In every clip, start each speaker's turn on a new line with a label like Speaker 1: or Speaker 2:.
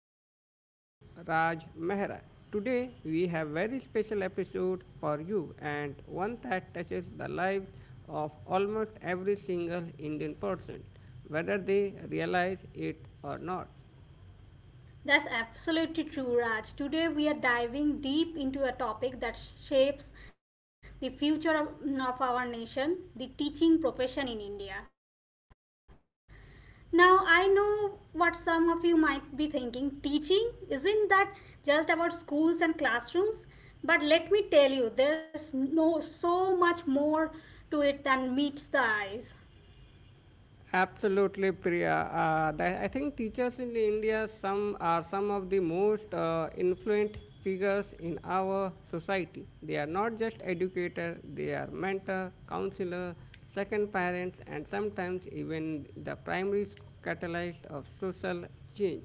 Speaker 1: am your co-host Raj Mehra. Today we have very special episode for you and one that touches the lives of almost every single Indian person whether they realize it or not.
Speaker 2: That's absolutely true, Raj. Today we are diving deep into a topic that shapes the future of our nation, the teaching profession in India. Now, I know what some of you might be thinking teaching isn't that just about schools and classrooms? But let me tell you, there's no so much more to it than meets the eyes.
Speaker 1: Absolutely, Priya. I think teachers in India some of the most influent figures in our society. They are not just educators; they are mentor, counselor, second parents, and sometimes even the primary catalyst of social change.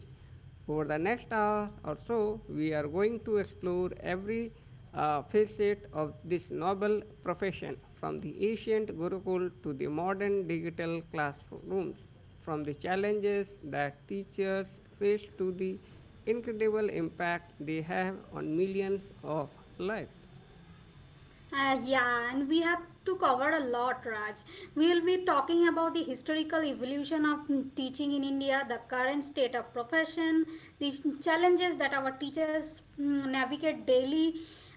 Speaker 1: Over the next hour or so, we are going to explore every facet of this noble profession, from the ancient Gurukul to the modern digital classrooms, from the challenges that teachers face to the incredible impact they have on millions of lives.
Speaker 2: Yeah, and we have to cover a lot, Raj. We will be talking about the historical evolution of teaching in India, the current state of profession, the challenges that our teachers navigate daily,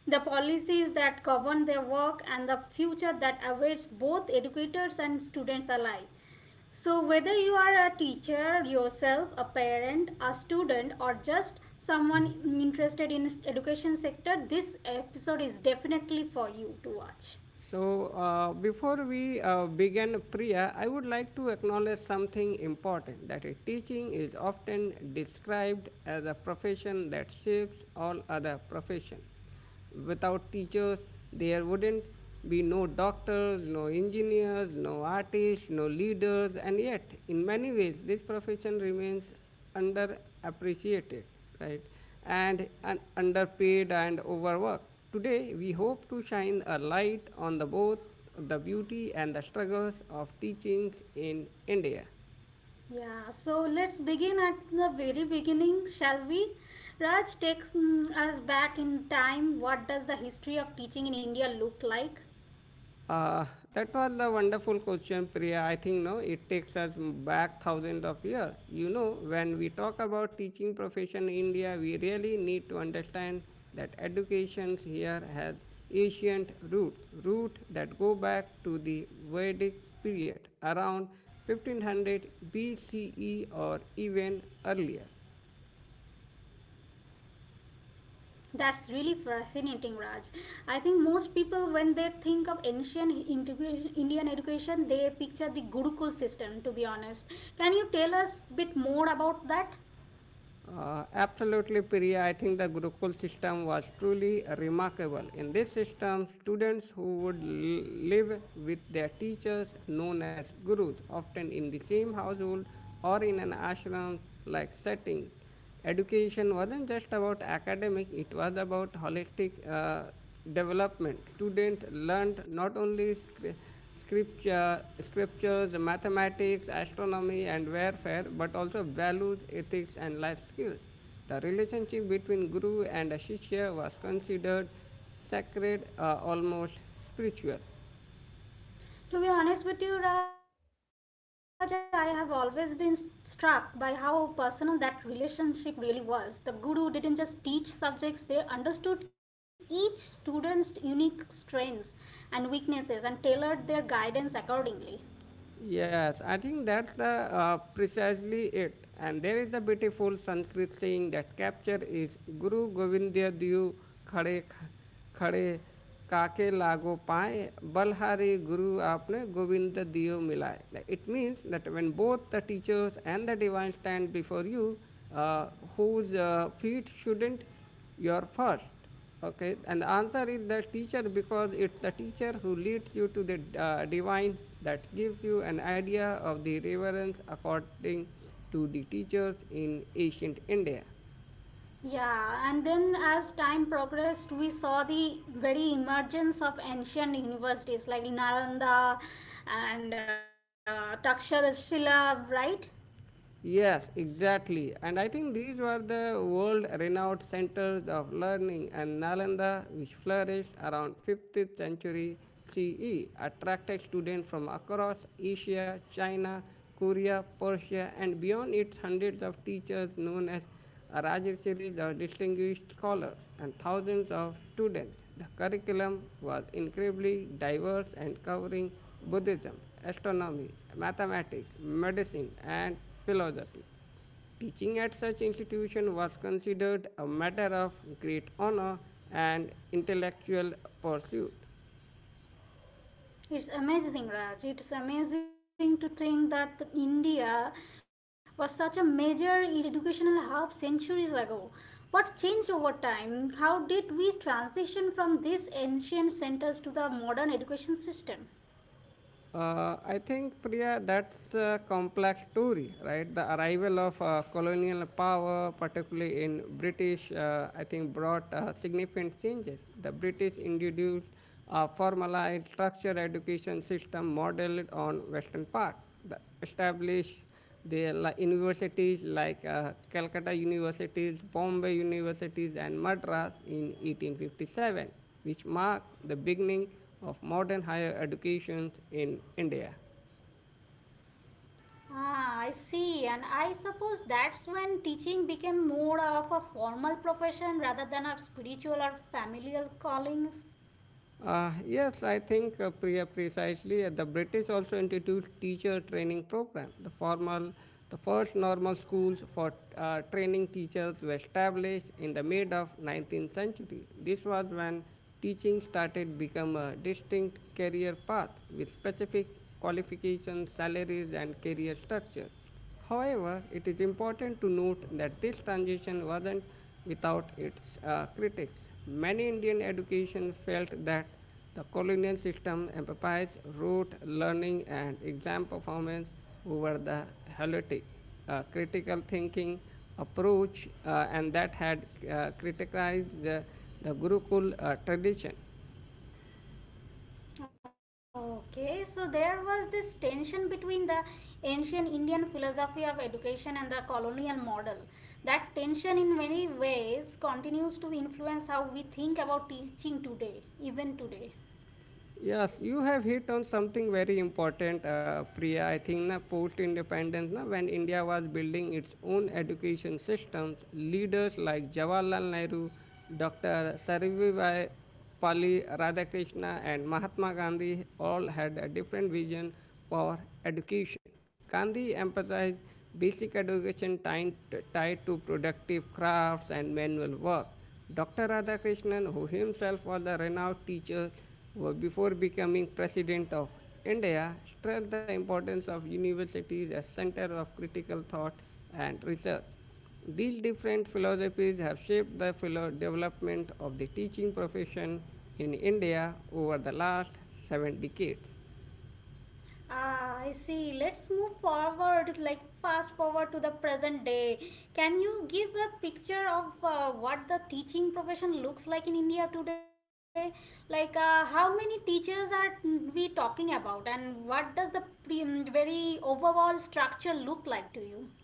Speaker 2: the policies that govern their work, and the future that awaits both educators and students alike. So, whether you are a teacher yourself, a parent, a student, or just someone interested in education sector, this episode is definitely for you to watch.
Speaker 1: So, before we begin, Priya, I would like to acknowledge something important, that a teaching is often described as a profession that shapes all other professions. Without teachers, there wouldn't be no doctors, no engineers, no artists, no leaders, and yet, in many ways, this profession remains underappreciated, right? And underpaid and overworked. Today, we hope to shine a light on the both the beauty and the struggles of teaching in India.
Speaker 2: Yeah, so let's begin at the very beginning, shall we? Raj, takes us back in time. What does the history of teaching in India look like?
Speaker 1: Uh, that was the wonderful question, Priya. I think no, it takes us back 1000s of years. You know, when we talk about teaching profession in India, we really need to understand that education here has ancient roots, root that go back to the Vedic period, around 1500 BCE or even earlier.
Speaker 2: That's really fascinating, Raj. I think most people, when they think of ancient Indian education, they picture the Gurukul system, to be honest. Can you tell us a bit more about that?
Speaker 1: Absolutely, Priya. I think the Gurukul system was truly remarkable. In this system, students who would live with their teachers, known as gurus, often in the same household or in an ashram like setting. Education wasn't just about academic, it was about holistic development. Student learned not only scripture scriptures, mathematics, astronomy, and warfare, but also values, ethics, and life skills. The relationship between guru and a shishya was considered sacred, almost spiritual.
Speaker 2: To be honest with you, Raj, I have always been struck by how personal that relationship really was. The guru didn't just teach subjects, they understood each student's unique strengths and weaknesses and tailored their guidance accordingly.
Speaker 1: Yes, I think that's the precisely it. And there is a beautiful Sanskrit saying that capture is Guru Govinda Diu Khade Khade Kake Lago Paye Balhari Guru Apne Govinda Diu Milai. It means that when both the teachers and the divine stand before you, uh, whose feet shouldn't your first? Okay, and the answer is the teacher, because it's the teacher who leads you to the divine. That gives you an idea of the reverence according to the teachers in ancient India.
Speaker 2: Yeah, and then as time progressed, we saw the very emergence of ancient universities like Nalanda and Takshashila, right?
Speaker 1: Yes, exactly. And I think these were the world renowned centers of learning, and Nalanda, which flourished around 50th century CE, attracted students from across Asia, China, Korea, Persia, and beyond. Its hundreds of teachers, known as Rajashiris or distinguished scholars, and thousands of students. The curriculum was incredibly diverse, and covering Buddhism, astronomy, mathematics, medicine, and philosophy. Teaching at such institution was considered a matter of great honor and intellectual pursuit.
Speaker 2: It's amazing, Raj. It's amazing to think that India was such a major educational hub centuries ago. What changed over time? How did we transition from these ancient centers to the modern education system?
Speaker 1: I think, Priya, that's a complex story, right? The arrival of colonial power, particularly in British, I think brought significant changes. The British introduced a formalized structured education system modeled on Western part. The established There are like universities like Calcutta universities, Bombay universities, and Madras in 1857, which marked the beginning of modern higher education in India.
Speaker 2: Ah, I see. And I suppose that's when teaching became more of a formal profession rather than a spiritual or familial callings.
Speaker 1: Yes, I think precisely. The British also introduced teacher training program. The first normal schools for training teachers were established in the mid of 19th century. This was when teaching started become a distinct career path with specific qualifications, salaries, and career structure. However, it is important to note that this transition wasn't without its critics. Many Indian education felt that the colonial system emphasized rote learning and exam performance over the holistic, critical thinking approach, and that had criticized the Gurukul tradition.
Speaker 2: Okay, so there was this tension between the ancient Indian philosophy of education and the colonial model. That tension, in many ways, continues to influence how we think about teaching today, even today.
Speaker 1: Yes, you have hit on something very important, Priya. I think na post independence, na when India was building its own education systems, leaders like Jawaharlal Nehru, Dr. Sarvivai Pali Radhakrishna, and Mahatma Gandhi all had a different vision for education. Gandhi emphasized basic education tied to productive crafts and manual work. Dr. Radhakrishnan, who himself was a renowned teacher before becoming president of India, stressed the importance of universities as centers of critical thought and research. These different philosophies have shaped development of the teaching profession in India over the last 7 decades.
Speaker 2: Ah, I see. Let's move forward, like fast forward to the present day. Can you give a picture of what the teaching profession looks like in India today? Like, how many teachers are we talking about, and what does the very overall structure look like to you?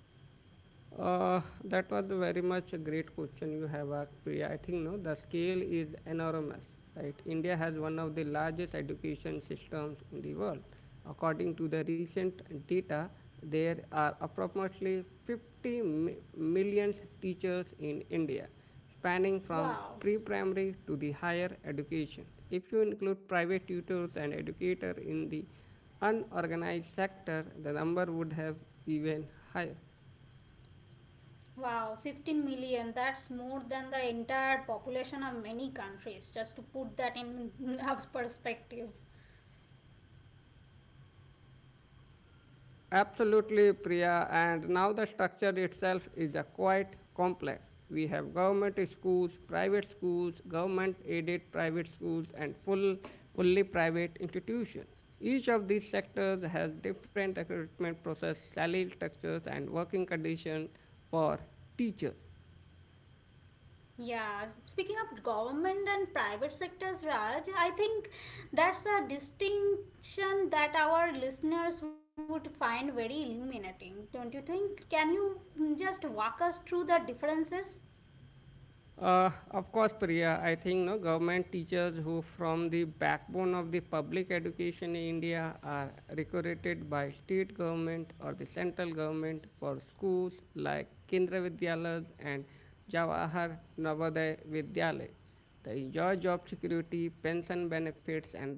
Speaker 1: That was very much a great question you have asked, Priya. I think no, the scale is enormous, right? India has one of the largest education systems in the world. According to the recent data, there are approximately 50 million teachers in India, spanning from
Speaker 2: Wow,
Speaker 1: pre-primary to the higher education. If you include private tutors and educators in the unorganized sector, the number would have even higher.
Speaker 2: wow, 15 million. That's more than the entire population of many countries, just to put that in perspective.
Speaker 1: Absolutely, Priya. And now the structure itself is a quite complex. We have government schools, private schools, government aided private schools, and fully private institutions. Each of these sectors has different recruitment process, salary structures, and working conditions for teachers.
Speaker 2: Yeah, speaking of government and private sectors, Raj, I think that's a distinction that our listeners would find very illuminating, don't you think? Can you just walk us through the differences?
Speaker 1: Of course, Priya, I think no, government teachers, who from the backbone of the public education in India, are recruited by state government or the central government for schools like Kendra Vidyalayas and Jawahar Navodaya Vidyalaya. They enjoy job security, pension benefits, and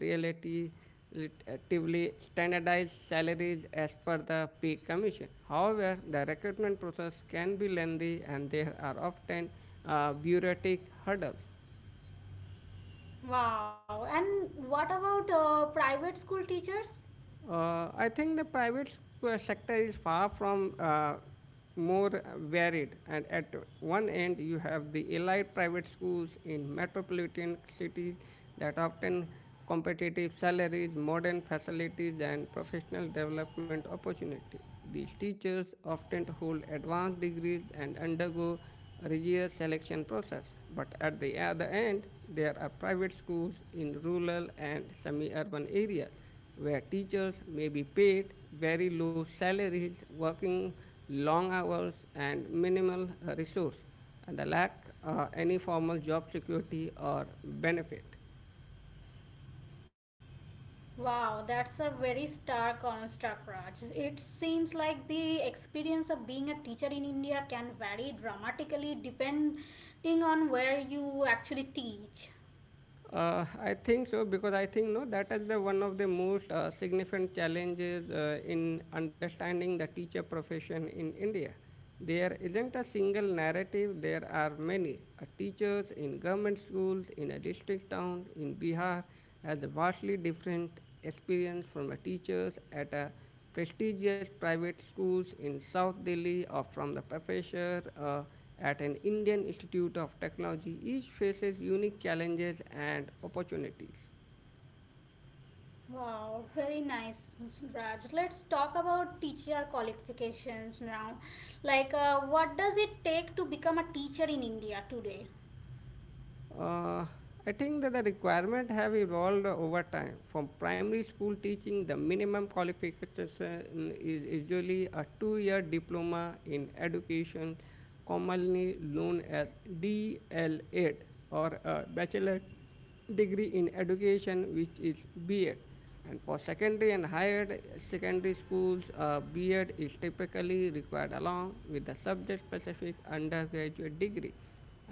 Speaker 1: relatively standardized salaries as per the pay commission. However, the recruitment process can be lengthy, and there are often bureaucratic hurdles.
Speaker 2: Wow, and what about private school teachers?
Speaker 1: I think the private sector is far from more varied, and at one end you have the elite private schools in metropolitan cities that often competitive salaries, modern facilities, and professional development opportunities. These teachers often hold advanced degrees and undergo a rigorous selection process, but at the other end, there are private schools in rural and semi urban areas where teachers may be paid very low salaries, working long hours, and minimal resource, and the lack any formal job security or benefit.
Speaker 2: Wow, that's a very stark construct, Raj. It seems like the experience of being a teacher in India can vary dramatically depending on where you actually teach.
Speaker 1: I think so, because I think no, that is the one of the most significant challenges in understanding the teacher profession in India. There isn't a single narrative. There are many. Teachers in government schools in a district town in Bihar has a vastly different experience from a teachers at a prestigious private schools in South Delhi, or from the professor at an Indian Institute of Technology. Each faces unique challenges and opportunities.
Speaker 2: Wow, very nice, Raj. Let's talk about teacher qualifications now. Like, what does it take to become a teacher in India today?
Speaker 1: Uh, I think that the requirement have evolved over time. From primary school teaching, the minimum qualification is usually a two-year diploma in education, commonly known as DL8, or a bachelor degree in education, which is B.Ed. And for secondary and higher secondary schools, B.Ed is typically required along with the subject-specific undergraduate degree.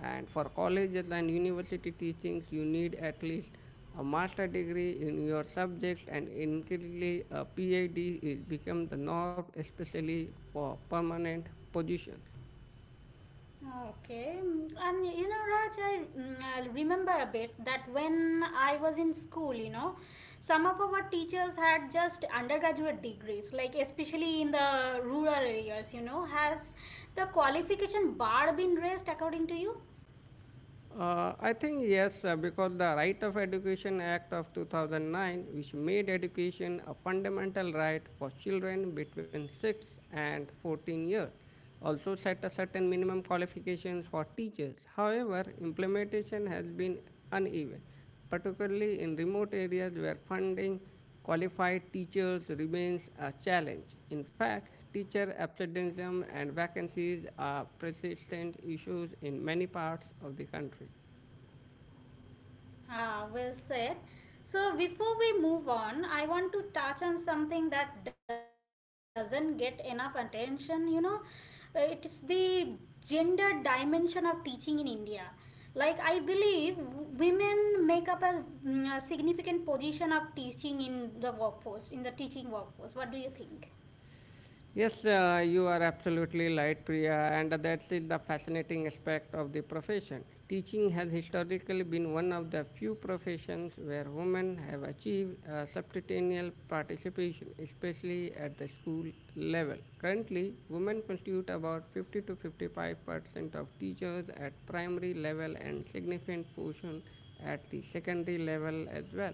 Speaker 1: And for colleges and university teachings, you need at least a master degree in your subject, and increasingly, a PhD is become the norm, especially for permanent positions.
Speaker 2: Okay, and you know, Raj, I remember a bit that when I was in school, you know, some of our teachers had just undergraduate degrees, like especially in the rural areas, you know. Has the qualification bar been raised according to you?
Speaker 1: I think yes, because the Right of Education Act of 2009, which made education a fundamental right for children between 6 and 14 years, also set a certain minimum qualifications for teachers. However, implementation has been uneven, particularly in remote areas where funding qualified teachers remains a challenge. In fact, teacher absenteeism and vacancies are persistent issues in many parts of the country.
Speaker 2: Ah, well said. So, before we move on, I want to touch on something that doesn't get enough attention. It's the gender dimension of teaching in India. Like, I believe women make up a significant position of teaching in the workforce, in the teaching workforce. What do you think?
Speaker 1: Yes, you are absolutely right, Priya, and that is the fascinating aspect of the profession. Teaching has historically been one of the few professions where women have achieved substantial participation, especially at the school level. Currently, women constitute about 50 to 55% of teachers at primary level, and significant portion at the secondary level as well.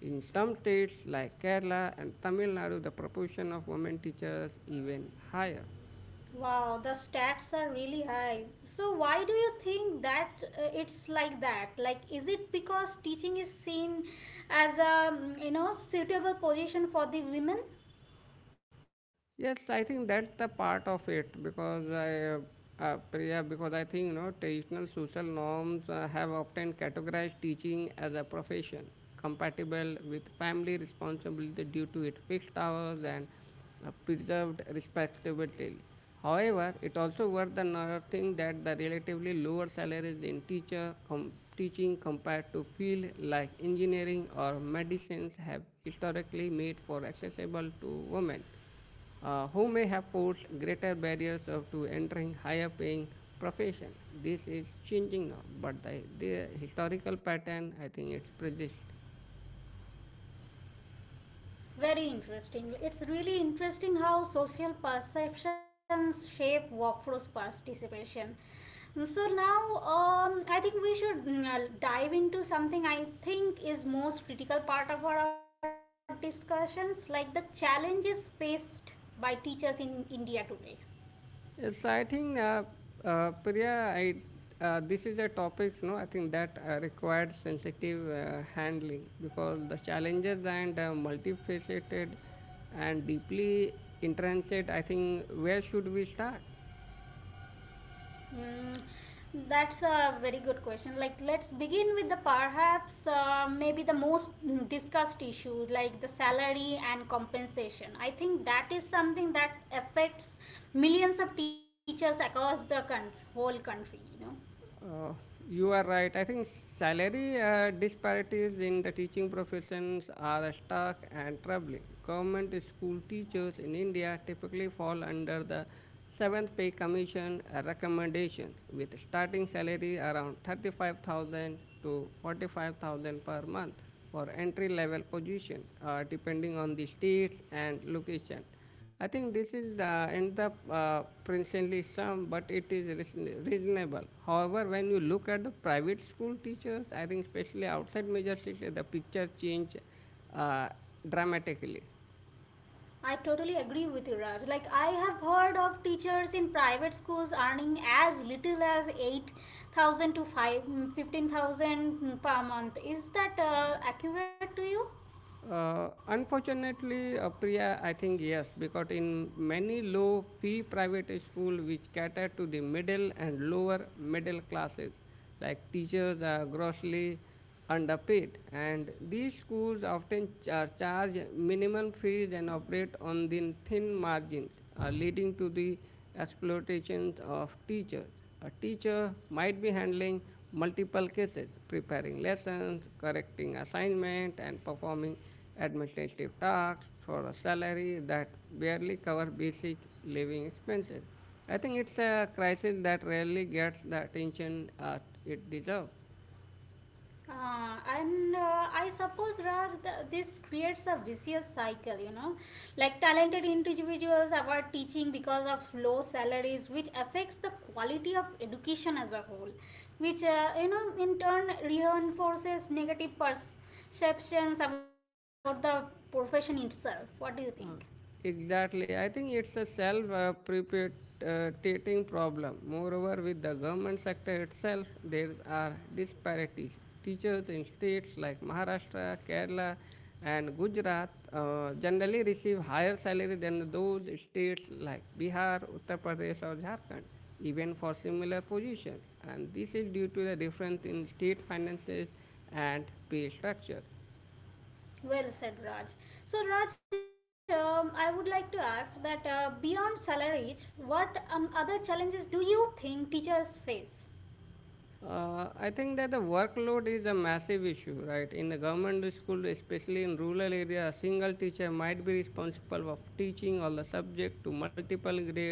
Speaker 1: In some states like Kerala and Tamil Nadu, the proportion of women teachers is even higher.
Speaker 2: Wow, the stats are really high. So why do you think that it's like that? Like, is it because teaching is seen as a suitable position for the women?
Speaker 1: Yes, I think that's the part of it because Priya, because I think you know traditional social norms have often categorized teaching as a profession compatible with family responsibility due to its fixed hours and preserved respectability. However, it also worth the noting that the relatively lower salaries in teaching compared to field like engineering or medicines have historically made for accessible to women who may have posed greater barriers to entering higher paying profession. This is changing now, but the historical pattern, I think, it persists.
Speaker 2: Very interesting. It's really interesting how social perceptions shape workforce participation. So now, I think we should dive into something I think is most critical part of our discussions, like the challenges faced by teachers in India today.
Speaker 1: Yes, I think, Priya, this is a topic, no, I think that requires sensitive handling, because the challenges and multifaceted and deeply intrinsic. I think, where should we start?
Speaker 2: Mm, that's a very good question. Like, let's begin with the perhaps maybe the most discussed issue, like the salary and compensation. I think that is something that affects millions of teachers across the whole country.
Speaker 1: Uh, you are right. I think salary disparities in the teaching professions are stark and troubling. Government school teachers in India typically fall under the Seventh Pay Commission recommendations, with starting salary around 35,000 to 45,000 per month for entry level position, depending on the states and location. I think this is end up princely sum, but it is reasonable. However, when you look at the private school teachers, I think especially outside major cities, the picture change uh, dramatically.
Speaker 2: I totally agree with you, Raj. Like, I have heard of teachers in private schools earning as little as 8,000 to five 15,000 per month. Is that accurate to you?
Speaker 1: Unfortunately, Priya, I think yes, because in many low fee private school which cater to the middle and lower middle classes, like teachers are grossly underpaid, and these schools often charge minimum fees and operate on the thin margins, leading to the exploitations of teachers. A teacher might be handling multiple cases, preparing lessons, correcting assignment, and performing administrative tasks for a salary that barely covers basic living expenses. I think it's a crisis that rarely gets the attention it deserves.
Speaker 2: And I suppose Raj, this creates a vicious cycle, like talented individuals avoid teaching because of low salaries, which affects the quality of education as a whole, which in turn reinforces negative perceptions about the profession itself. What do you think?
Speaker 1: Uh, exactly. I think it's a self perpetuating problem. Moreover, with the government sector itself, there are disparities. Teachers in states like Maharashtra, Kerala, and Gujarat generally receive higher salary than those states like Bihar, Uttar Pradesh, or Jharkhand, even for similar positions. And this is due to the difference in state finances and pay structures.
Speaker 2: Well said, Raj. So, Raj, I would like to ask that beyond salaries, what other challenges do you think teachers face?
Speaker 1: I think that the workload is a massive issue, right? In the government school, especially in rural area, a single teacher might be responsible of teaching all the subject to multiple grade.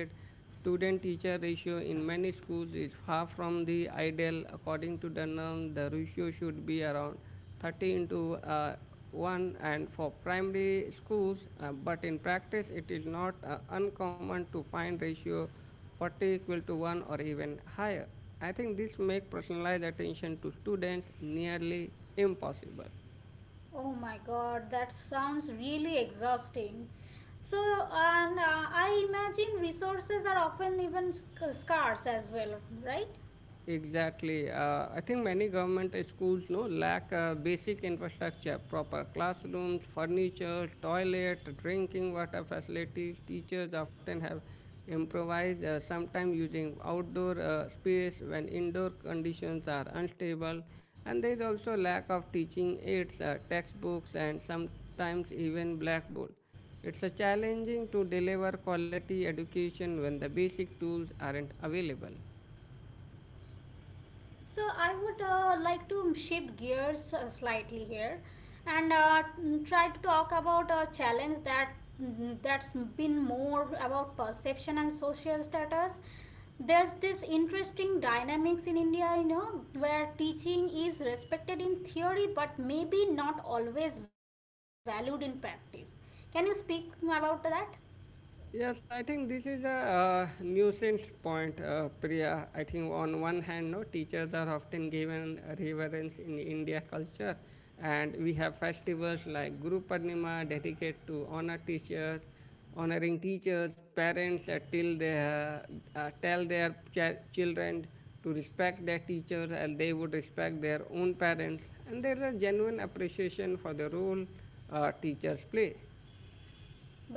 Speaker 1: Student-teacher ratio in many schools is far from the ideal. According to the norm, the ratio should be around 30 into 1 and for primary schools, but in practice, it is not uncommon to find ratio 40 equal to 1 or even higher. I think this makes personalized attention to students nearly impossible.
Speaker 2: Oh my god, that sounds really exhausting. So, and I imagine resources are often even scarce as well, right?
Speaker 1: Exactly. I think many government schools no lack basic infrastructure, proper classrooms, furniture, toilet, drinking water facilities. Teachers often have improvised, sometimes using outdoor space when indoor conditions are unstable. And there is also lack of teaching aids, textbooks, and sometimes even blackboard. It's a challenging to deliver quality education when the basic tools aren't available.
Speaker 2: So, I would like to shift gears slightly here and try to talk about a challenge that's been more about perception and social status. There's this interesting dynamics in India, where teaching is respected in theory but maybe not always valued in practice. Can you speak about that?
Speaker 1: Yes, I think this is a nuisance point, Priya. I think on one hand, no teachers are often given reverence in India culture, and we have festivals like Guru Purnima dedicated to honor teachers, honoring teachers, parents that till they tell their children to respect their teachers as they would respect their own parents, and there is a genuine appreciation for the role teachers play.
Speaker 2: But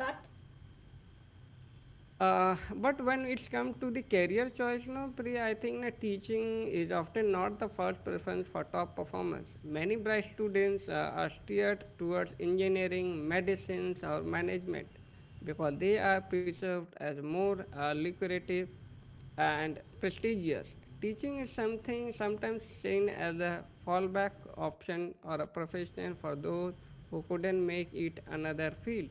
Speaker 1: But when it comes to the career choice, no, Priya, I think that teaching is often not the first preference for top performers. Many bright students are steered towards engineering, medicines, or management because they are perceived as more lucrative and prestigious. Teaching is something sometimes seen as a fallback option or a profession for those who couldn't make it another field.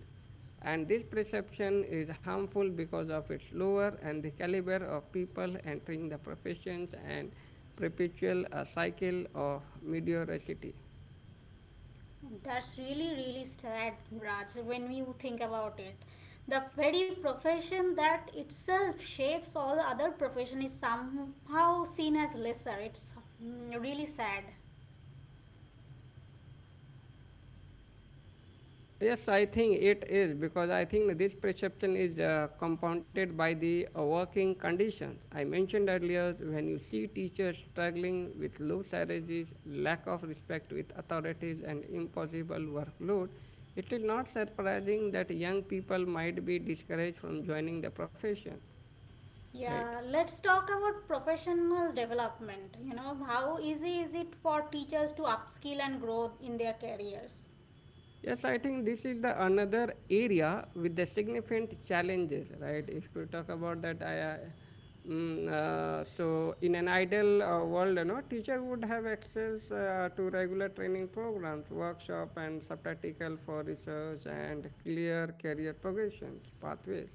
Speaker 1: And this perception is harmful because of its lower and the caliber of people entering the professions and perpetual a cycle of mediocrity.
Speaker 2: that's really, really sad, Raj. When you think about it, the very profession that itself shapes all the other profession is somehow seen as lesser. It's really sad.
Speaker 1: Yes, I think it is because I think this perception is compounded by the working conditions. I mentioned earlier when you see teachers struggling with low salaries, lack of respect with authorities, and impossible workload, it is not surprising that young people might be discouraged from joining the profession, right?
Speaker 2: Yeah, let's talk about professional development. How easy is it for teachers to upskill and grow in their careers?
Speaker 1: Yes, I think this is the another area with the significant challenges, right? If you talk about that, so in an ideal world, you know, teacher would have access to regular training programs, workshop, and subpractical for research and clear career progressions pathways.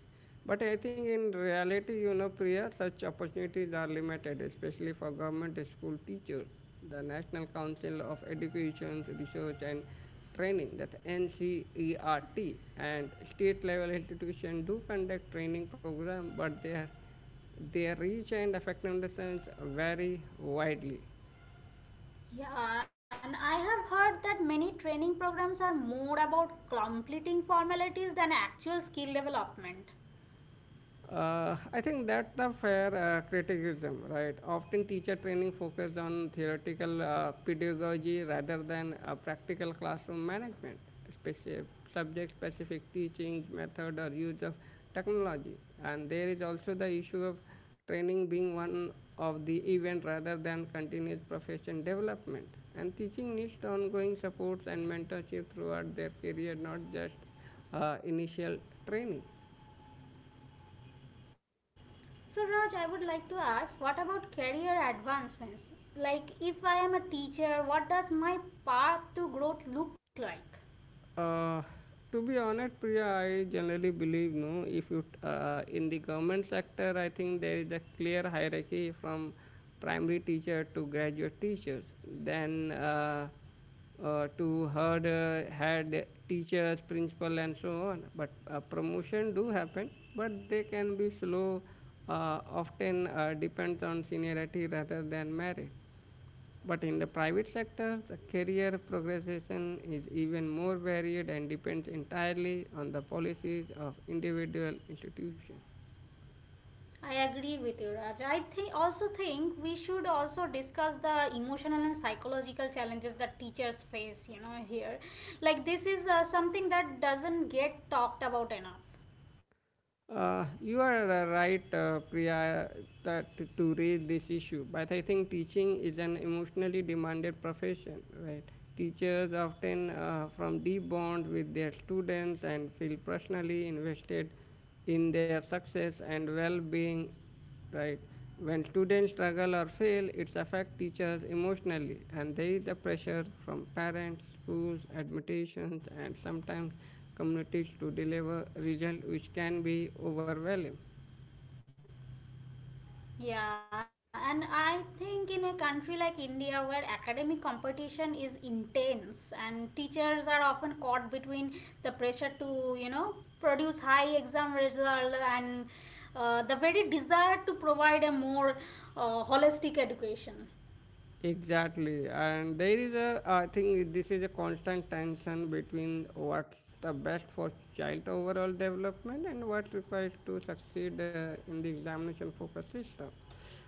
Speaker 1: But I think in reality, you know, Priya, such opportunities are limited, especially for government school teachers. The National Council of Education, Research and Training, that NCERT, and state level institutions do conduct training programs, but their reach and effectiveness vary widely.
Speaker 2: Yeah, and I have heard that many training programs are more about completing formalities than actual skill development.
Speaker 1: I think that's the fair criticism, right? Often teacher training focuses on theoretical pedagogy rather than practical classroom management, specific, subject-specific teaching method or use of technology. And there is also the issue of training being one of the event rather than continuous profession development. And teaching needs ongoing supports and mentorship throughout their career, not just initial training.
Speaker 2: So, Raj, I would like to ask what about career advancements? Like, if I am a teacher, what does my path to growth look like?
Speaker 1: Uh, to be honest, Priya, I generally believe no. If you in the government sector, I think there is a clear hierarchy from primary teacher to graduate teachers. Then to head teachers, principal, and so on. But promotion do happen, but they can be slow. Often depends on seniority rather than merit. But in the private sector, the career progression is even more varied and depends entirely on the policies of individual institutions.
Speaker 2: I agree with you, Raj. I think also think we should also discuss the emotional and psychological challenges that teachers face. Here, like this is something that doesn't get talked about enough.
Speaker 1: You are right, Priya, that to raise this issue. But I think teaching is an emotionally demanded profession, right? Teachers often from deep bonds with their students and feel personally invested in their success and well-being right? When students struggle or fail, it affects teachers emotionally, and there is the pressure from parents, schools, admissions, and sometimes communities to deliver results which can be overwhelming.
Speaker 2: Yeah, and I think in a country like India where academic competition is intense and teachers are often caught between the pressure to, produce high exam result and the very desire to provide a more holistic education.
Speaker 1: Exactly, and there is a, I think this is a constant tension between what's the best for child overall development and what's required to succeed in the examination focused system.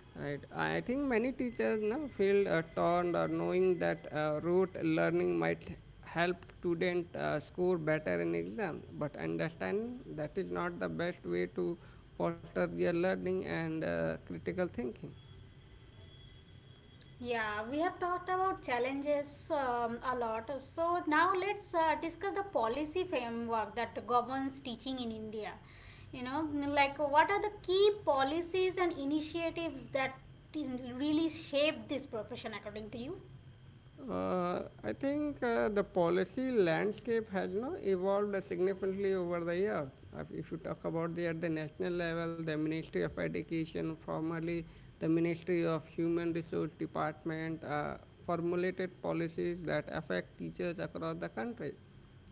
Speaker 1: Right, I think many teachers now feel torn or knowing that rote learning might help student score better in exam, but understanding that is not the best way to foster their learning and critical thinking.
Speaker 2: Yeah, we have talked about challenges a lot. So now let's discuss the policy framework that governs teaching in India. Like, what are the key policies and initiatives that really shape this profession according to you?
Speaker 1: I think the policy landscape has you know, evolved significantly over the years. If you talk about the at the national level, the Ministry of Education, formerly the Ministry of Human Resource Department, formulated policies that affect teachers across the country.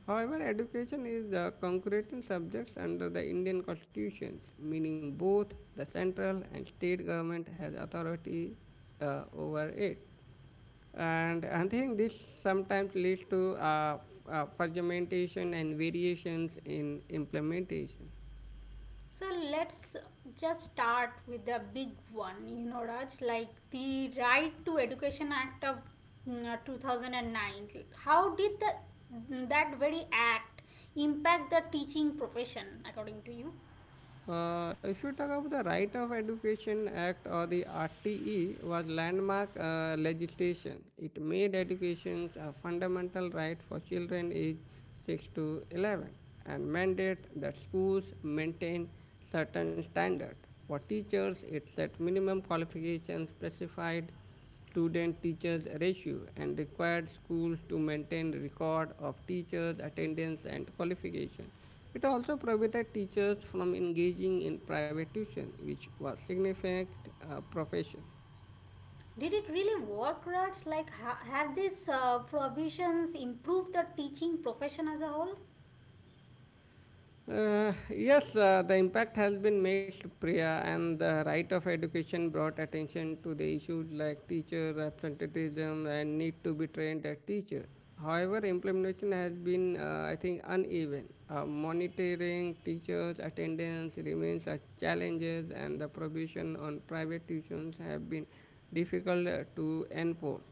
Speaker 1: However, education is the concrete subject under the Indian constitution, meaning both the central and state government has authority over it. And I think this sometimes leads to fragmentation and variations in implementation.
Speaker 2: So, let's just start with the big one, Raj, like the Right to Education Act of 2009. How did that very act impact the teaching profession, according to you?
Speaker 1: If you talk about the Right of Education Act or the RTE was landmark legislation. It made education a fundamental right for children aged 6 to 11 and mandate that schools maintain certain standards. For teachers, it set minimum qualifications specified student teachers ratio and required schools to maintain record of teachers attendance and qualification it also prohibited teachers from engaging in private tuition which was significant profession.
Speaker 2: Did it really work, Raj? Like, have these provisions improved the teaching profession as a whole?
Speaker 1: Yes, the impact has been mixed, Priya, and the right of education brought attention to the issues like teachers' absenteeism and need to be trained as teachers. However, implementation has been, I think, uneven. Monitoring teachers' attendance remains a challenge, and the prohibition on private tuitions have been difficult to enforce.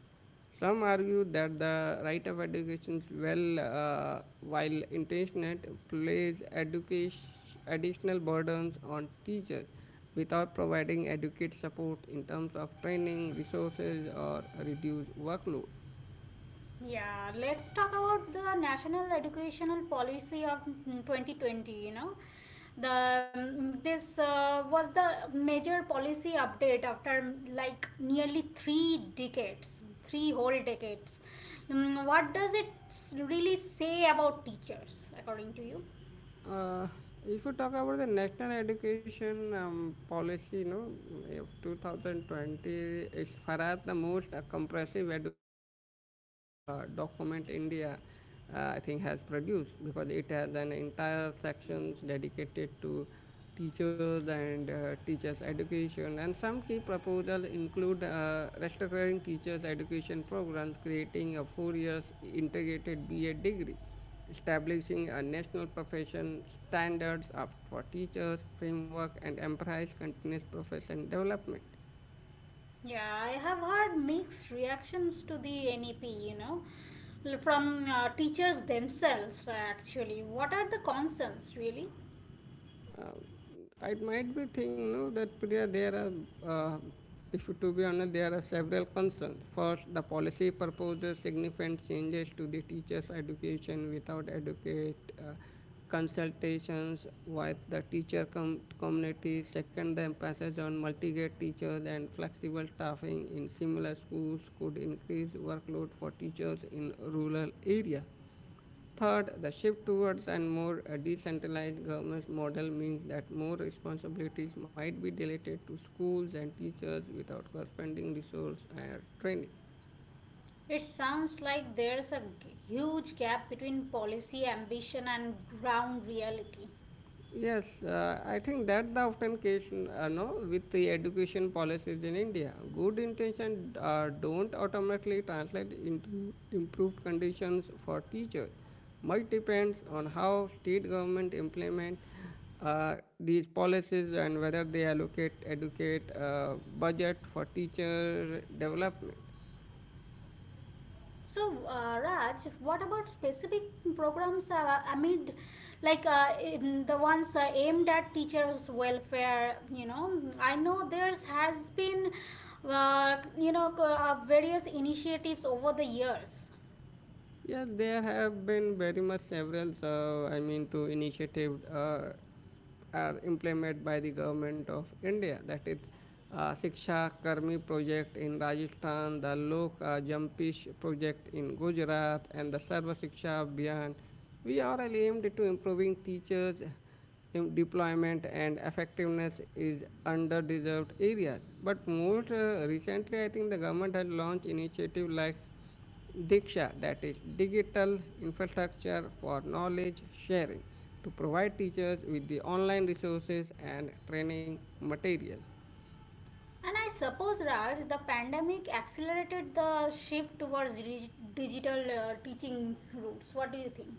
Speaker 1: Some argue that the right of education, well, while intentioned, plays education, additional burdens on teachers without providing adequate support in terms of training, resources, or reduced workload.
Speaker 2: Yeah, let's talk about the National Educational Policy of 2020. You know, the this uh, was the major policy update after like nearly 3 decades 3 whole decades. What does it really say about teachers according to you?
Speaker 1: Uh, if you talk about the national education policy, you know, of 2020, it's perhaps the most comprehensive education policy document India, I think, has produced because it has an entire sections dedicated to teachers and teachers education and some key proposals include restructuring teachers education programs creating a 4 years integrated ba degree establishing a national profession standards of, for teachers framework and emphasize continuous profession development.
Speaker 2: Yeah, I have heard mixed reactions to the NEP, from teachers themselves, actually, what are the concerns really?
Speaker 1: uh, I might be thinking no, that Priya, uh, if to be honest, there are several concerns. First, the policy proposes significant changes to the teachers' education without adequate consultations with the teacher community. Second, the emphasis on multi-grade teachers and flexible staffing in similar schools could increase workload for teachers in rural areas. Third, the shift towards and more decentralized governance model means that more responsibilities might be delegated to schools and teachers without corresponding resource and training.
Speaker 2: It sounds like there's a huge gap between policy ambition and ground reality.
Speaker 1: Yes, I think that the often case, no, with the education policies in India. Good intention don't automatically translate into improved conditions for teachers. Much depends on how state government implement these policies and whether they allocate educate budget for teacher development.
Speaker 2: So, Raj, what about specific programs amid, like the ones aimed at teachers' welfare? I know there's has been, various initiatives over the years,
Speaker 1: Yes, there have been very much several, I mean, to initiative are implemented by the government of India. That is Shiksha Karmi project in Rajasthan, the Lok Jampish project in Gujarat, and the Sarva Shiksha Abhiyan. We are aimed to improving teachers' deployment and effectiveness in underdeserved areas. But most recently, I think the government has launched initiatives like Diksha, that is digital infrastructure for knowledge sharing, to provide teachers with the online resources and training material.
Speaker 2: and I suppose Raj, the pandemic accelerated the shift towards digital teaching routes. What do you think?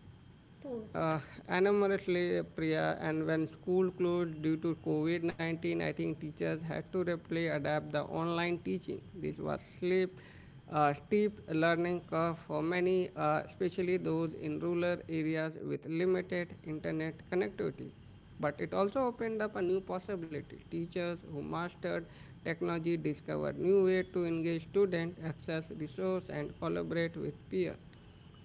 Speaker 2: Tools.
Speaker 1: Uh, Enormously, Priya, and when school closed due to COVID 19, I think teachers had to rapidly adapt the online teaching. This was steep learning curve for many, especially those in rural areas with limited internet connectivity. But it also opened up a new possibility. Teachers who mastered technology discovered new ways to engage students, access resources, and collaborate with peers.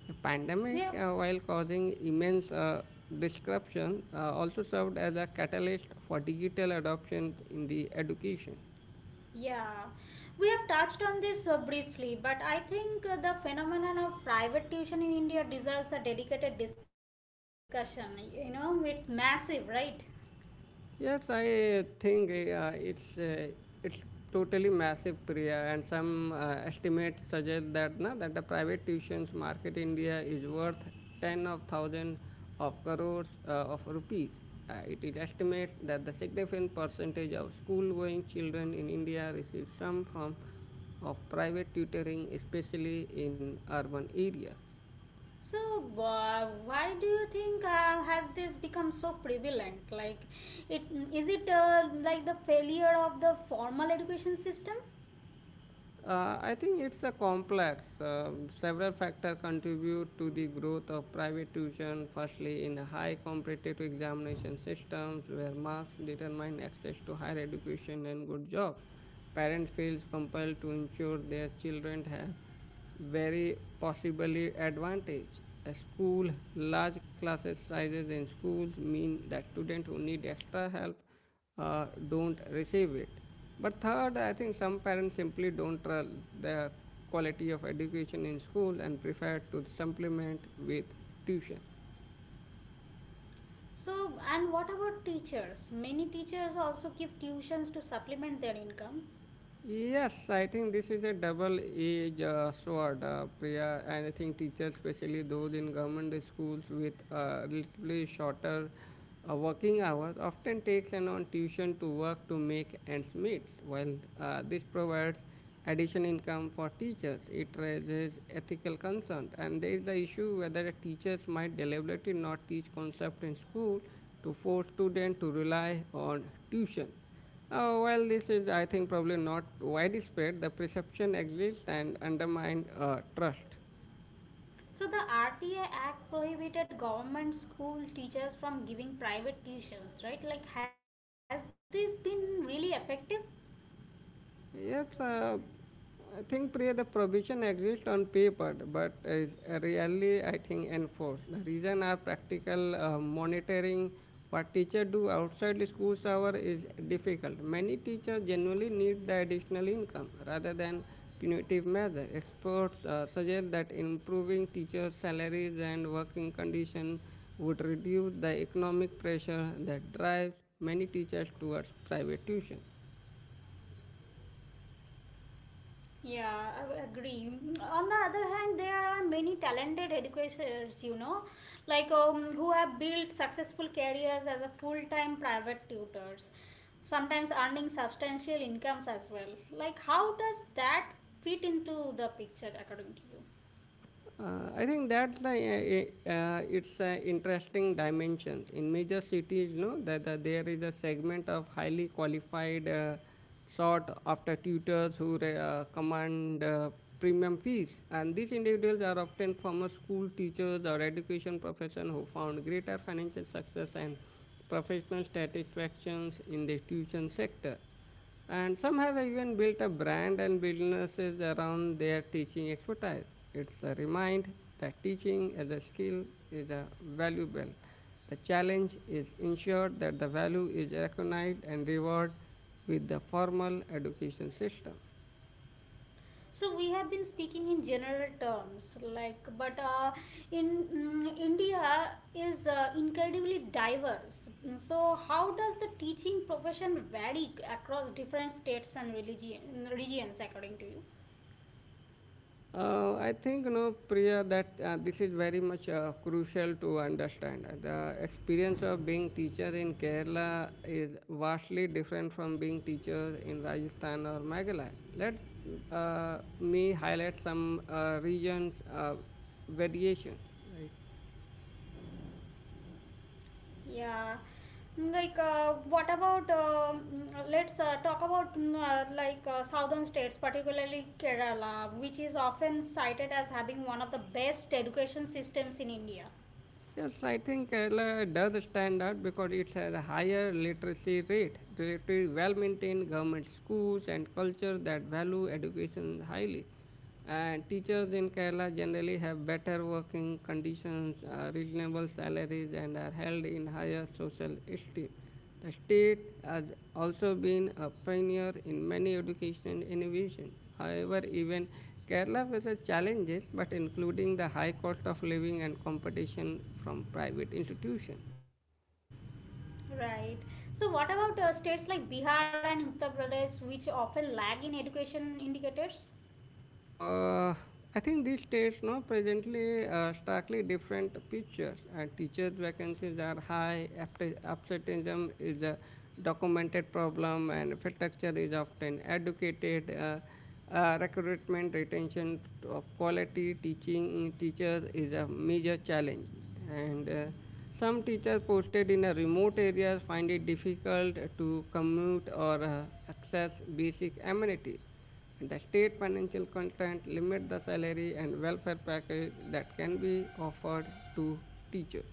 Speaker 1: The pandemic,
Speaker 2: Yeah,
Speaker 1: while causing immense disruption, also served as a catalyst for digital adoption in the education.
Speaker 2: yeah, we have touched on this briefly, but I think the phenomenon of private tuition in India deserves a dedicated discussion. It's massive, right?
Speaker 1: Yes, I think it's totally massive, Priya, and some estimates suggest that the private tuitions market in India is worth ten of thousand of crores of rupees. It is estimated that the significant percentage of school-going children in India receive some form of private tutoring, especially in urban areas.
Speaker 2: So, why do you think has this become so prevalent? Like, it is it like the failure of the formal education system?
Speaker 1: I think it's a complex. Several factors contribute to the growth of private tuition. Firstly, in high competitive examination systems where marks determine access to higher education and good jobs, parents feels compelled to ensure their children have very possibly advantage. A school large classes sizes in schools mean that students who need extra help don't receive it. But third, I think some parents simply don't trust the quality of education in school and prefer to supplement with tuition.
Speaker 2: So, and what about teachers? Many teachers also give tuitions to supplement their incomes.
Speaker 1: Yes, I think this is a double-edged sword, Priya. And I think teachers, especially those in government schools with relatively shorter working hours, often takes an on tuition to work to make ends meet. While this provides additional income for teachers, it raises ethical concerns. And there is the issue whether teachers might deliberately not teach concepts in school to force students to rely on tuition. Well, this is, I think, probably not widespread. The perception exists and undermines trust.
Speaker 2: So, the RTA Act prohibited government school teachers from giving private tuitions, right? Like, has this been really effective?
Speaker 1: Yes, I think Priya, the provision exists on paper, but is really, I think, enforced. The reason are practical monitoring. What teacher do outside the school's hour is difficult. Many teachers generally need the additional income rather than punitive measure. Experts suggest that improving teachers' salaries and working conditions would reduce the economic pressure that drives many teachers towards private tuition.
Speaker 2: Yeah, I agree. On the other hand, there are many talented educators, like who have built successful careers as a full-time private tutors, sometimes earning substantial incomes as well. Like, how does that fit into the picture according to you?
Speaker 1: I think that's the it's an interesting dimension. In major cities, you know, that there is a segment of highly qualified, sought after tutors who command premium fees, and these individuals are often former school teachers or education profession who found greater financial success and professional satisfactions in the tuition sector and some have even built a brand and businesses around their teaching expertise. It's a reminder that teaching as a skill is a valuable. The challenge is ensure that the value is recognized and rewarded with the formal education system.
Speaker 2: So we have been speaking in general terms, like, but India is incredibly diverse. So how does the teaching profession vary across different states and religion regions, according to you?
Speaker 1: I think, you know, Priya, that this is very much crucial to understand. The experience of being teacher in Kerala is vastly different from being teacher in Rajasthan or Meghalaya. Let me highlight some regions variations, right?
Speaker 2: Yeah. Like, what about? Let's talk about like southern states, particularly Kerala, which is often cited as having one of the best education systems in India.
Speaker 1: Yes, I think Kerala does stand out because it has a higher literacy rate, relatively well maintained government schools, and culture that value education highly. And teachers in Kerala generally have better working conditions, reasonable salaries, and are held in higher social esteem. The state has also been a pioneer in many educational innovations. However, even Kerala faces challenges, but including the high cost of living and competition from private institutions.
Speaker 2: Right. So, what about states like Bihar and Uttar Pradesh, which often lag in education indicators?
Speaker 1: Uh, I think these states now presently starkly different pictures, and teachers' vacancies are high. Absenteeism is a documented problem, and infrastructure is often educated. Recruitment, retention of quality teaching teachers is a major challenge, and some teachers posted in a remote areas find it difficult to commute or access basic amenities and the state financial constraint limit the salary and welfare package that can be offered to teachers.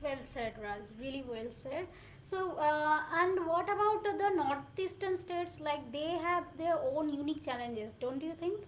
Speaker 2: Well said, Raj. Really well said. So, and what about the northeastern states? Like they have their own unique challenges, don't you think?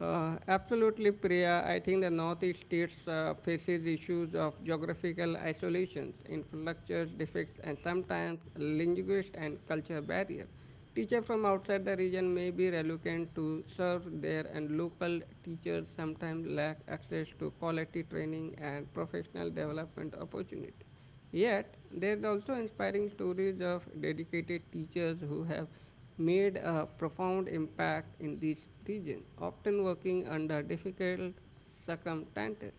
Speaker 1: Absolutely, Priya. I think the Northeast states faces issues of geographical isolations, infrastructure defects, and sometimes linguist and culture barrier. Teachers from outside the region may be reluctant to serve there, and local teachers sometimes lack access to quality training and professional development opportunities. Yet, there's also inspiring stories of dedicated teachers who have made a profound impact in these regions, often working under difficult circumstances.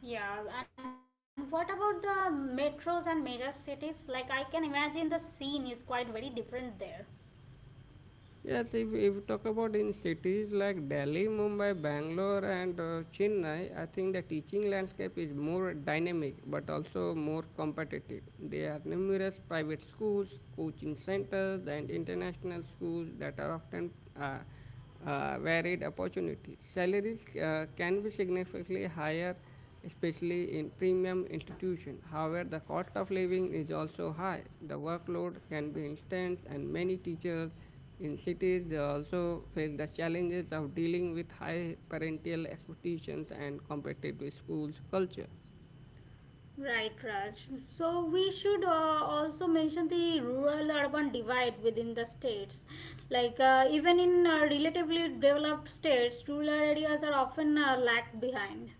Speaker 2: Yeah, and what about the metros and major cities? Like I can imagine the scene is quite very different there.
Speaker 1: Yes, if you talk about in cities like Delhi, Mumbai, Bangalore, and Chennai, I think the teaching landscape is more dynamic but also more competitive. There are numerous private schools, coaching centers, and international schools that are often uh, varied opportunities. Salaries can be significantly higher, especially in premium institutions. However, the cost of living is also high. The workload can be intense, and many teachers in cities also face the challenges of dealing with high parental expectations and competitive schools culture.
Speaker 2: Right, Raj. So we should also mention the rural-urban divide within the states. Like even in relatively developed states, rural areas are often lagged behind.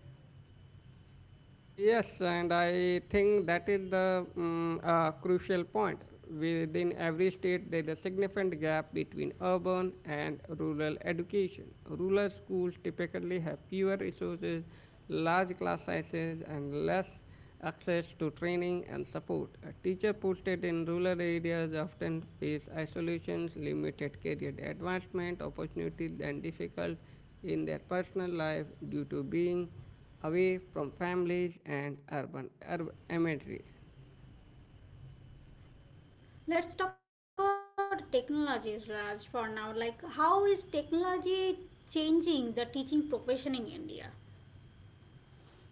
Speaker 1: Yes, and I think that is the crucial point. Within every state, there is a significant gap between urban and rural education. Rural schools typically have fewer resources, large class sizes, and less access to training and support. A teacher posted in rural areas often face isolations, limited career advancement opportunities, and difficult in their personal life due to being away from families and urban amenities.
Speaker 2: Let's talk about technologies, Raj, for now. Like how is technology changing the teaching profession in India?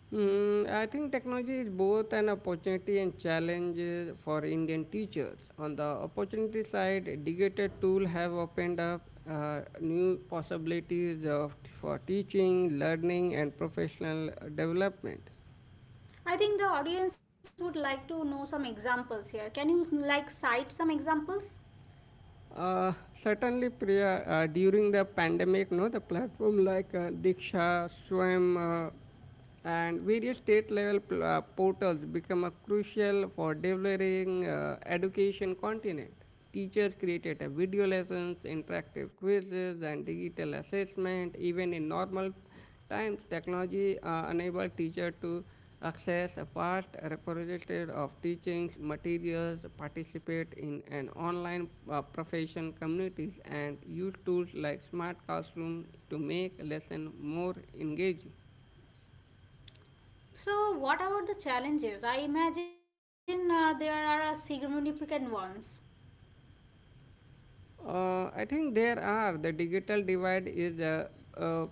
Speaker 1: Hmm, I think technology is both an opportunity and challenge for Indian teachers. On the opportunity side, digital tools have opened up new possibilities of, for teaching, learning, and professional development.
Speaker 2: I think the audience would like to know some examples here. Can you like cite some examples?
Speaker 1: Uh, Certainly, Priya, during the pandemic, no, the platform like Diksha, Swam, and various state level portals become a crucial for developing education content. Teachers created a video lessons, interactive quizzes, and digital assessment, even in normal times, technology enabled teacher to access a vast repository of teachings materials, participate in an online profession communities, and use tools like smart classroom to make lesson more engaging.
Speaker 2: So, what about the challenges? I imagine there are significant ones.
Speaker 1: I think there are. The digital divide is uh,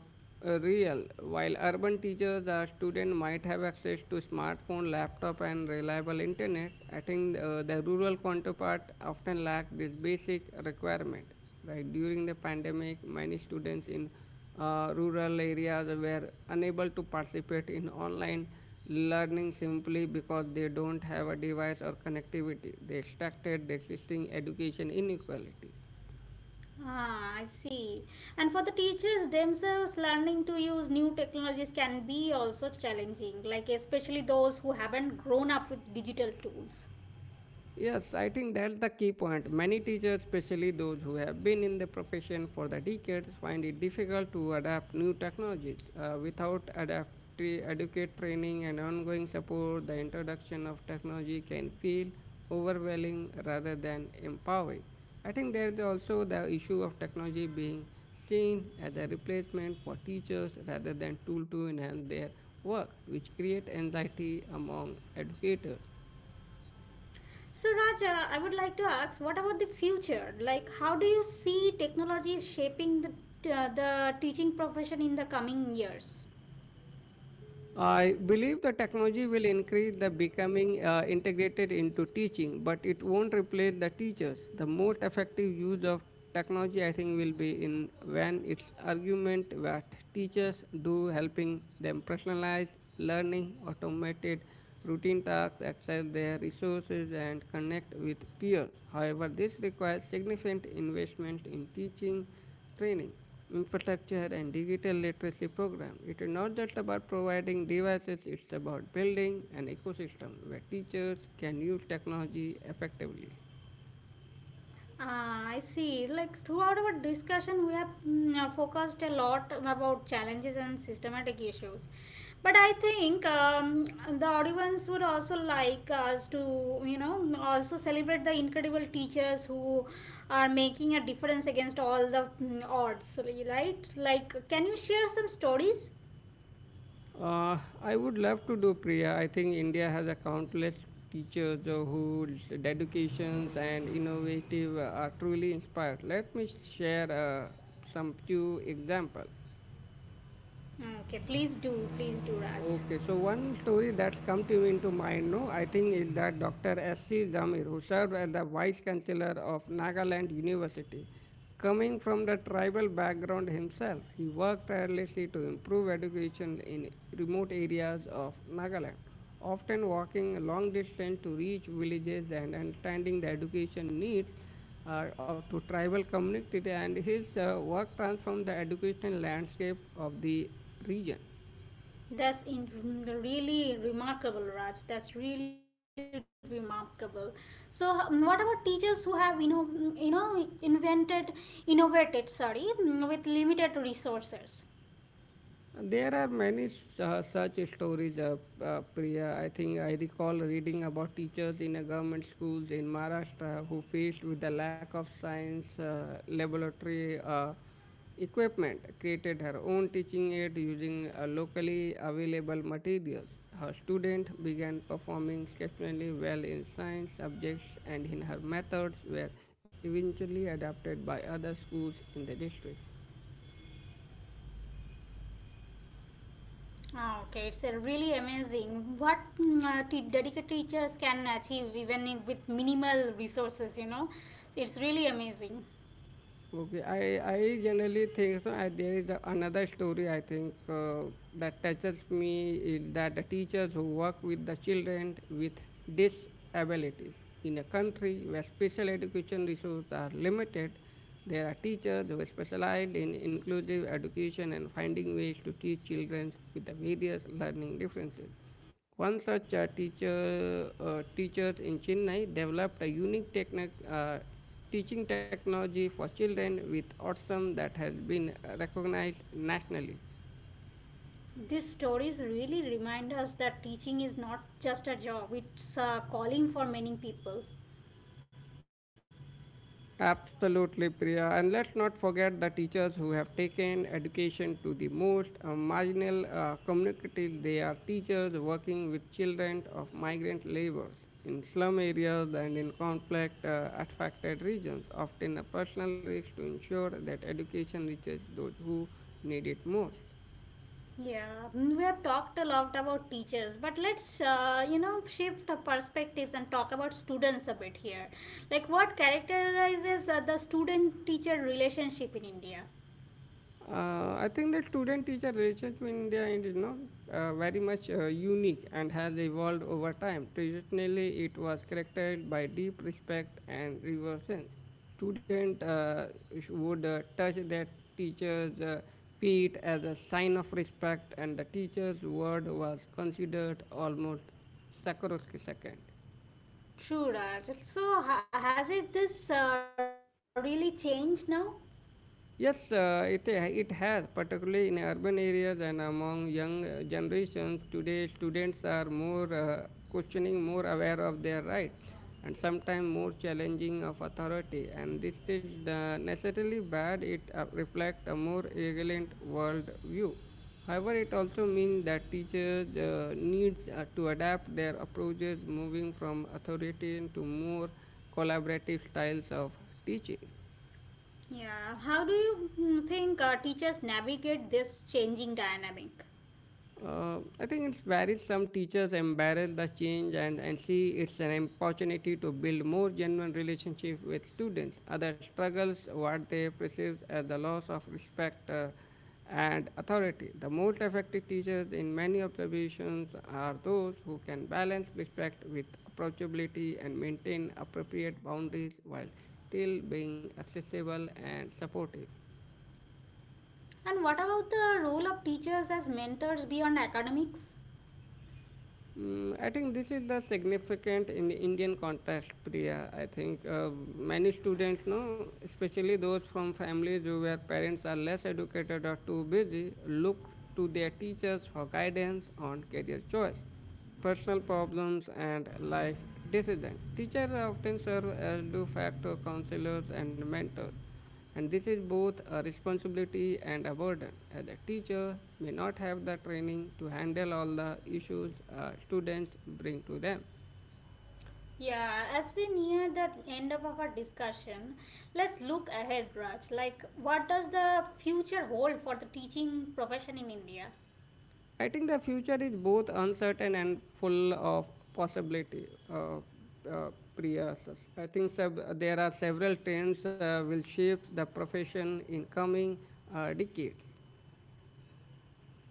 Speaker 1: real. While urban teachers or students might have access to smartphone, laptop, and reliable internet, I think the rural counterpart often lack this basic requirement. Right during the pandemic, many students in rural areas were unable to participate in online learning simply because they don't have a device or connectivity. They extracted the existing education inequalities.
Speaker 2: Ah, I see. And for the teachers themselves, learning to use new technologies can be also challenging, like especially those who haven't grown up with digital tools.
Speaker 1: Yes, I think that's the key point. Many teachers, especially those who have been in the profession for the decades, find it difficult to adapt new technologies. Without adaptive adequate training and ongoing support, the introduction of technology can feel overwhelming rather than empowering. I think there is also the issue of technology being seen as a replacement for teachers rather than tool to enhance their work, which create anxiety among educators.
Speaker 2: So, Raja, I would like to ask, what about the future? Like, how do you see technology shaping the teaching profession in the coming years?
Speaker 1: I believe the technology will increase the becoming integrated into teaching, but it won't replace the teachers. The most effective use of technology, I think, will be in when its argument that teachers do helping them personalize learning, automated routine tasks, access their resources, and connect with peers. However, this requires significant investment in teaching training, infrastructure, and digital literacy program. It is not just about providing devices, it's about building an ecosystem where teachers can use technology effectively.
Speaker 2: Ah, I see. Like throughout our discussion, we have focused a lot about challenges and systematic issues. But I think the audience would also like us to, you know, also celebrate the incredible teachers who are making a difference against all the odds, right? Like, can you share some stories?
Speaker 1: I would love to do Priya. I think India has a countless teachers whose dedications and innovative are truly inspired. Let me share some few examples.
Speaker 2: Okay, please do, please do, Raj.
Speaker 1: Okay, so one story that's come to me into mind, no, I think is that Dr. S.C. Zamir, who served as the Vice Chancellor of Nagaland University. Coming from the tribal background himself, he worked tirelessly to improve education in remote areas of Nagaland, often walking a long distance to reach villages and understanding the education needs of to tribal community and his work transformed the educational landscape of the region.
Speaker 2: That's in really remarkable, Raj. That's really remarkable. So, what about teachers who have invented, innovated, sorry, with limited resources?
Speaker 1: There are many such stories, Priya. I think I recall reading about teachers in a government schools in Maharashtra who faced with the lack of science laboratory equipment, created her own teaching aid using locally available materials. Her student began performing exceptionally well in science subjects, and in her methods were eventually adopted by other schools in the district.
Speaker 2: Ah, okay, it's a really amazing what dedicated teachers can achieve even in, with minimal resources. You know, it's really amazing.
Speaker 1: Okay, I generally think so. I, there is a, another story I think that touches me is that the teachers who work with the children with disabilities in a country where special education resources are limited, there are teachers who specialize in inclusive education and finding ways to teach children with the various learning differences. One such teachers in Chennai developed a unique technic, teaching technology for children with autism that has been recognized nationally.
Speaker 2: These stories really remind us that teaching is not just a job; it's a calling for many people.
Speaker 1: Absolutely, Priya. And let's not forget the teachers who have taken education to the most marginal communities. They are teachers working with children of migrant laborers in slum areas and in conflict affected regions, often a personal risk to ensure that education reaches those who need it most.
Speaker 2: Yeah, we have talked a lot about teachers, but let's, you know, shift our perspectives and talk about students a bit here. Like, what characterizes the student teacher relationship in India?
Speaker 1: I think the student-teacher relationship in India is you know, very much unique and has evolved over time. Traditionally, it was characterized by deep respect and reverence. Student would touch their teacher's feet as a sign of respect, and the teacher's word was considered almost sacrosanct.
Speaker 2: True, Raj. So, has it this really changed now?
Speaker 1: Yes, it has, particularly in urban areas and among young generations. Today, students are more questioning, more aware of their rights, and sometimes more challenging of authority. And this is necessarily bad. It reflects a more vigilant world view. However, it also means that teachers need to adapt their approaches, moving from authoritarian to more collaborative styles of teaching.
Speaker 2: Yeah, how do you think teachers navigate this changing dynamic?
Speaker 1: I think it varies. Some teachers embrace the change and see it's an opportunity to build more genuine relationship with students. Others struggles what they perceive as the loss of respect and authority. The most effective teachers in many observations are those who can balance respect with approachability and maintain appropriate boundaries while still being accessible and supportive.
Speaker 2: And what about the role of teachers as mentors beyond academics?
Speaker 1: Mm, I think this is the significant in the Indian context, Priya. I think many students, no, especially those from families who where parents are less educated or too busy, look to their teachers for guidance on career choice, personal problems, and life decisions. Teachers often serve as de facto counselors and mentors and this is both a responsibility and a burden, as a teacher may not have the training to handle all the issues students bring to them.
Speaker 2: Yeah, as we near the end of our discussion, let's look ahead, Raj. Like, what does the future hold for the teaching profession in India?
Speaker 1: I think the future is both uncertain and full of possibility. Uh, Priya, I think there are several trends will shape the profession in coming decades.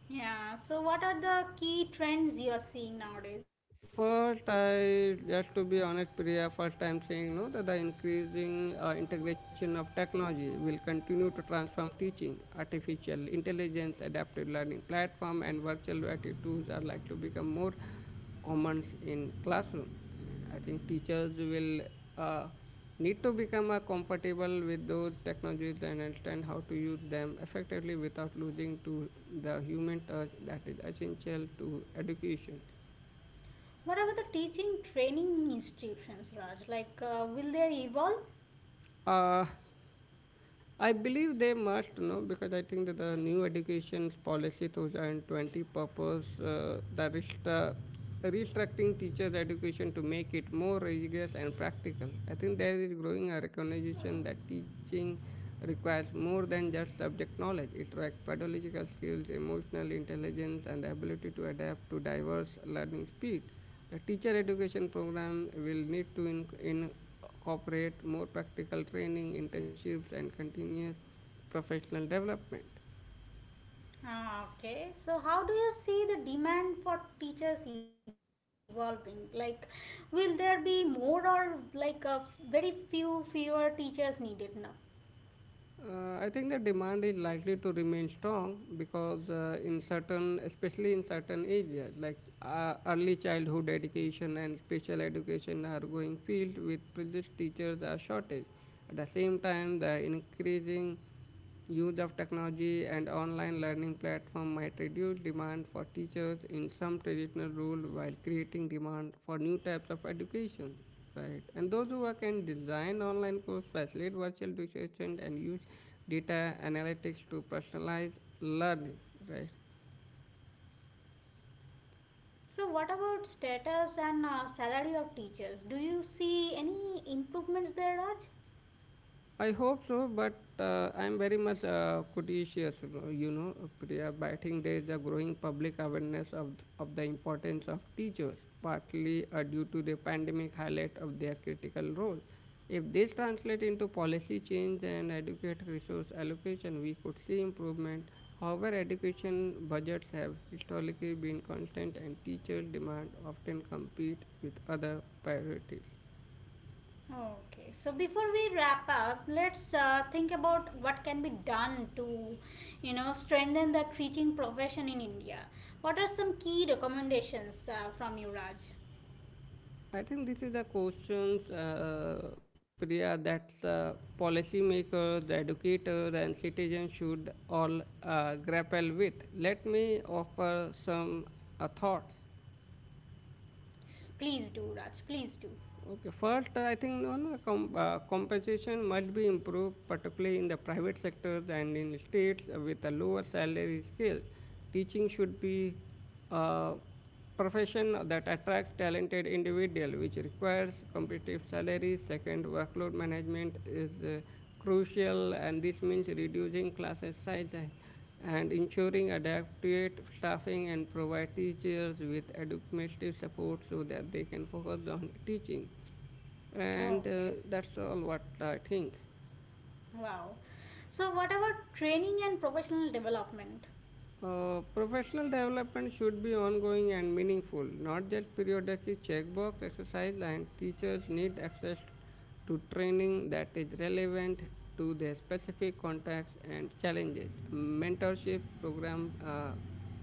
Speaker 2: Yeah, so what are the key trends you are seeing nowadays?
Speaker 1: First, I just to be honest, Priya, first I'm saying no that the increasing integration of technology will continue to transform teaching. Artificial intelligence, adaptive learning platform, and virtual reality tools are likely to become more common in classroom. And I think teachers will uh, need to become comfortable with those technologies and understand how to use them effectively without losing to the human touch that is essential to education.
Speaker 2: What about the teaching training institutions, Raj? Like, will they evolve?
Speaker 1: Uh, I believe they must know because I think that the new education policy 2020 purpose the restructuring teachers' education to make it more rigorous and practical. I think there is growing a recognition that teaching requires more than just subject knowledge. It requires pedagogical skills, emotional intelligence, and the ability to adapt to diverse learning speed. The teacher education program will need to incorporate more practical training, internships, and continuous professional development.
Speaker 2: Ah, okay, so how do you see the demand for teachers evolving? Like, will there be more or like fewer teachers needed now?
Speaker 1: I think the demand is likely to remain strong because in certain, especially in certain areas like early childhood education and special education are going field with present teachers are shortage. At the same time, the increasing use of technology and online learning platform might reduce demand for teachers in some traditional roles, while creating demand for new types of education. Right. And those who work and design online course facilitate virtual research and use data analytics to personalize learning. Right.
Speaker 2: So, what about status and salary of teachers? Do you see any improvements there, Raj?
Speaker 1: I hope so, but I'm very much conscious, you know, Priya. But I think there is a growing public awareness of the importance of teachers, partly due to the pandemic highlight of their critical role. If this translates into policy change and adequate resource allocation, we could see improvement. However, education budgets have historically been constant and teacher demand often compete with other priorities.
Speaker 2: Okay, so before we wrap up, let's think about what can be done to, you know, strengthen the teaching profession in India. What are some key recommendations from you, Raj?
Speaker 1: I think this is the questions, Priya, that the policymakers, the educators, and citizens should all grapple with. Let me offer some thoughts.
Speaker 2: Please do, Raj. Please do.
Speaker 1: Okay, first, I think no, no, com- compensation must be improved, particularly in the private sectors and in states with a lower salary scale. Teaching should be a profession that attracts talented individual, which requires competitive salaries. Second, workload management is crucial and this means reducing classes size and ensuring adequate staffing and provide teachers with educational support so that they can focus on teaching and
Speaker 2: Okay.
Speaker 1: that's all what I think.
Speaker 2: Wow. So, what about training and professional development?
Speaker 1: Professional development should be ongoing and meaningful, not just periodic checkbox exercise, and teachers need access to training that is relevant to their specific contexts and challenges. Mentorship program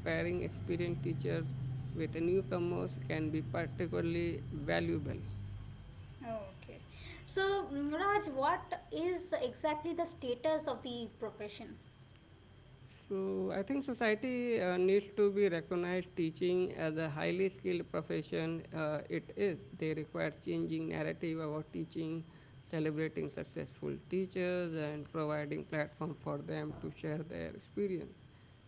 Speaker 1: pairing experienced teachers with newcomers can be particularly valuable.
Speaker 2: Okay. So, Raj, what is exactly the status of the profession?
Speaker 1: So I think society needs to be recognized teaching as a highly skilled profession it is. They require changing narrative about teaching, celebrating successful teachers and providing platform for them to share their experience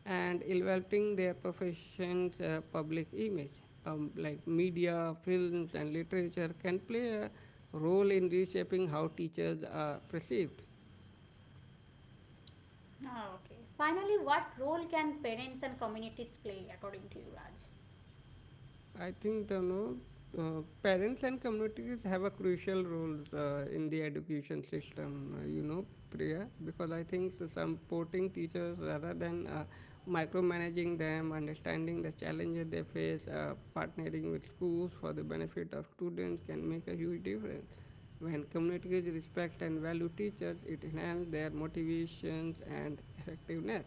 Speaker 1: and elevating their profession's public image. Like media, films and literature can play a role in reshaping how teachers are perceived.
Speaker 2: Ah, okay. Finally, what role can parents and communities play according to you, Raj?
Speaker 1: I think the no parents and communities have a crucial roles in the education system. You know, Priya, because I think the supporting teachers rather than micromanaging them, understanding the challenges they face, partnering with schools for the benefit of students can make a huge difference. When communities respect and value teachers, it enhances their motivations and effectiveness.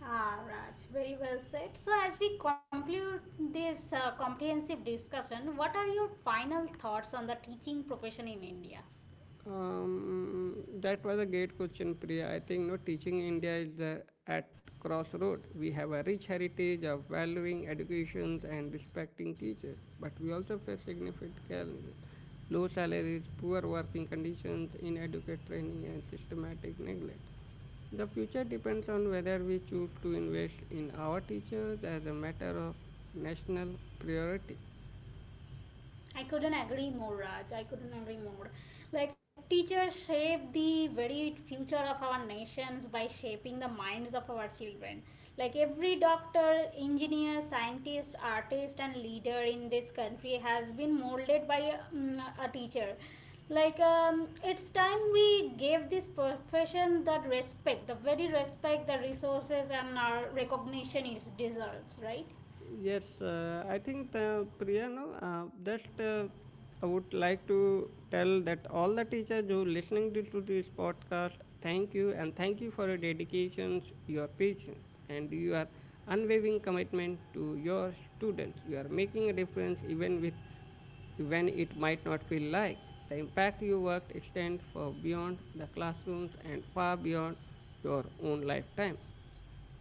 Speaker 2: Ah, Raj, very well said. So, as we conclude this comprehensive discussion, what are your final thoughts on the teaching profession in India?
Speaker 1: Um, that was a great question, Priya. I think no teaching in India is the, at crossroad. We have a rich heritage of valuing educations and respecting teachers, but we also face significant challenges: low salaries, poor working conditions, inadequate training, and systematic neglect. The future depends on whether we choose to invest in our teachers as a matter of national priority.
Speaker 2: I couldn't agree more, Raj. I couldn't agree more. Like, teachers shape the very future of our nations by shaping the minds of our children. Like, every doctor, engineer, scientist, artist, and leader in this country has been molded by a teacher. Like, it's time we gave this profession that respect, the very respect, the resources, and our recognition it deserves, right?
Speaker 1: Yes, I think the Priya, no, just I would like to tell that all the teachers who listening to this podcast, thank you and thank you for your dedications, your patience, and your unwavering commitment to your students. You are making a difference even with when it might not feel like. The impact you worked extends for beyond the classrooms and far beyond your own lifetime.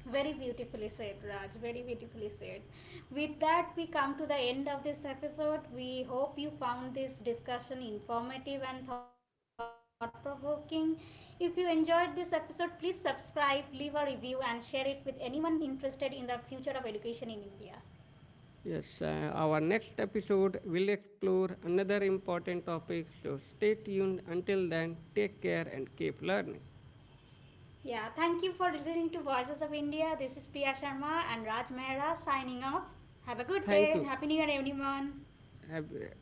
Speaker 2: Very beautifully said, Raj. Very beautifully said. With that, we come to the end of this episode. We hope you found this discussion informative and thought provoking. If you enjoyed this episode, please subscribe, leave a review, and share it with anyone interested in the future of education in India.
Speaker 1: Yes, our next episode will explore another important topic, so stay tuned. Until then, take care and keep learning.
Speaker 2: Yeah, thank you for listening to Voices of India. This is Priya Sharma and Raj Mehra signing off. Have a good day
Speaker 1: Thank
Speaker 2: and
Speaker 1: you.
Speaker 2: Happy New Year, everyone.
Speaker 1: Have-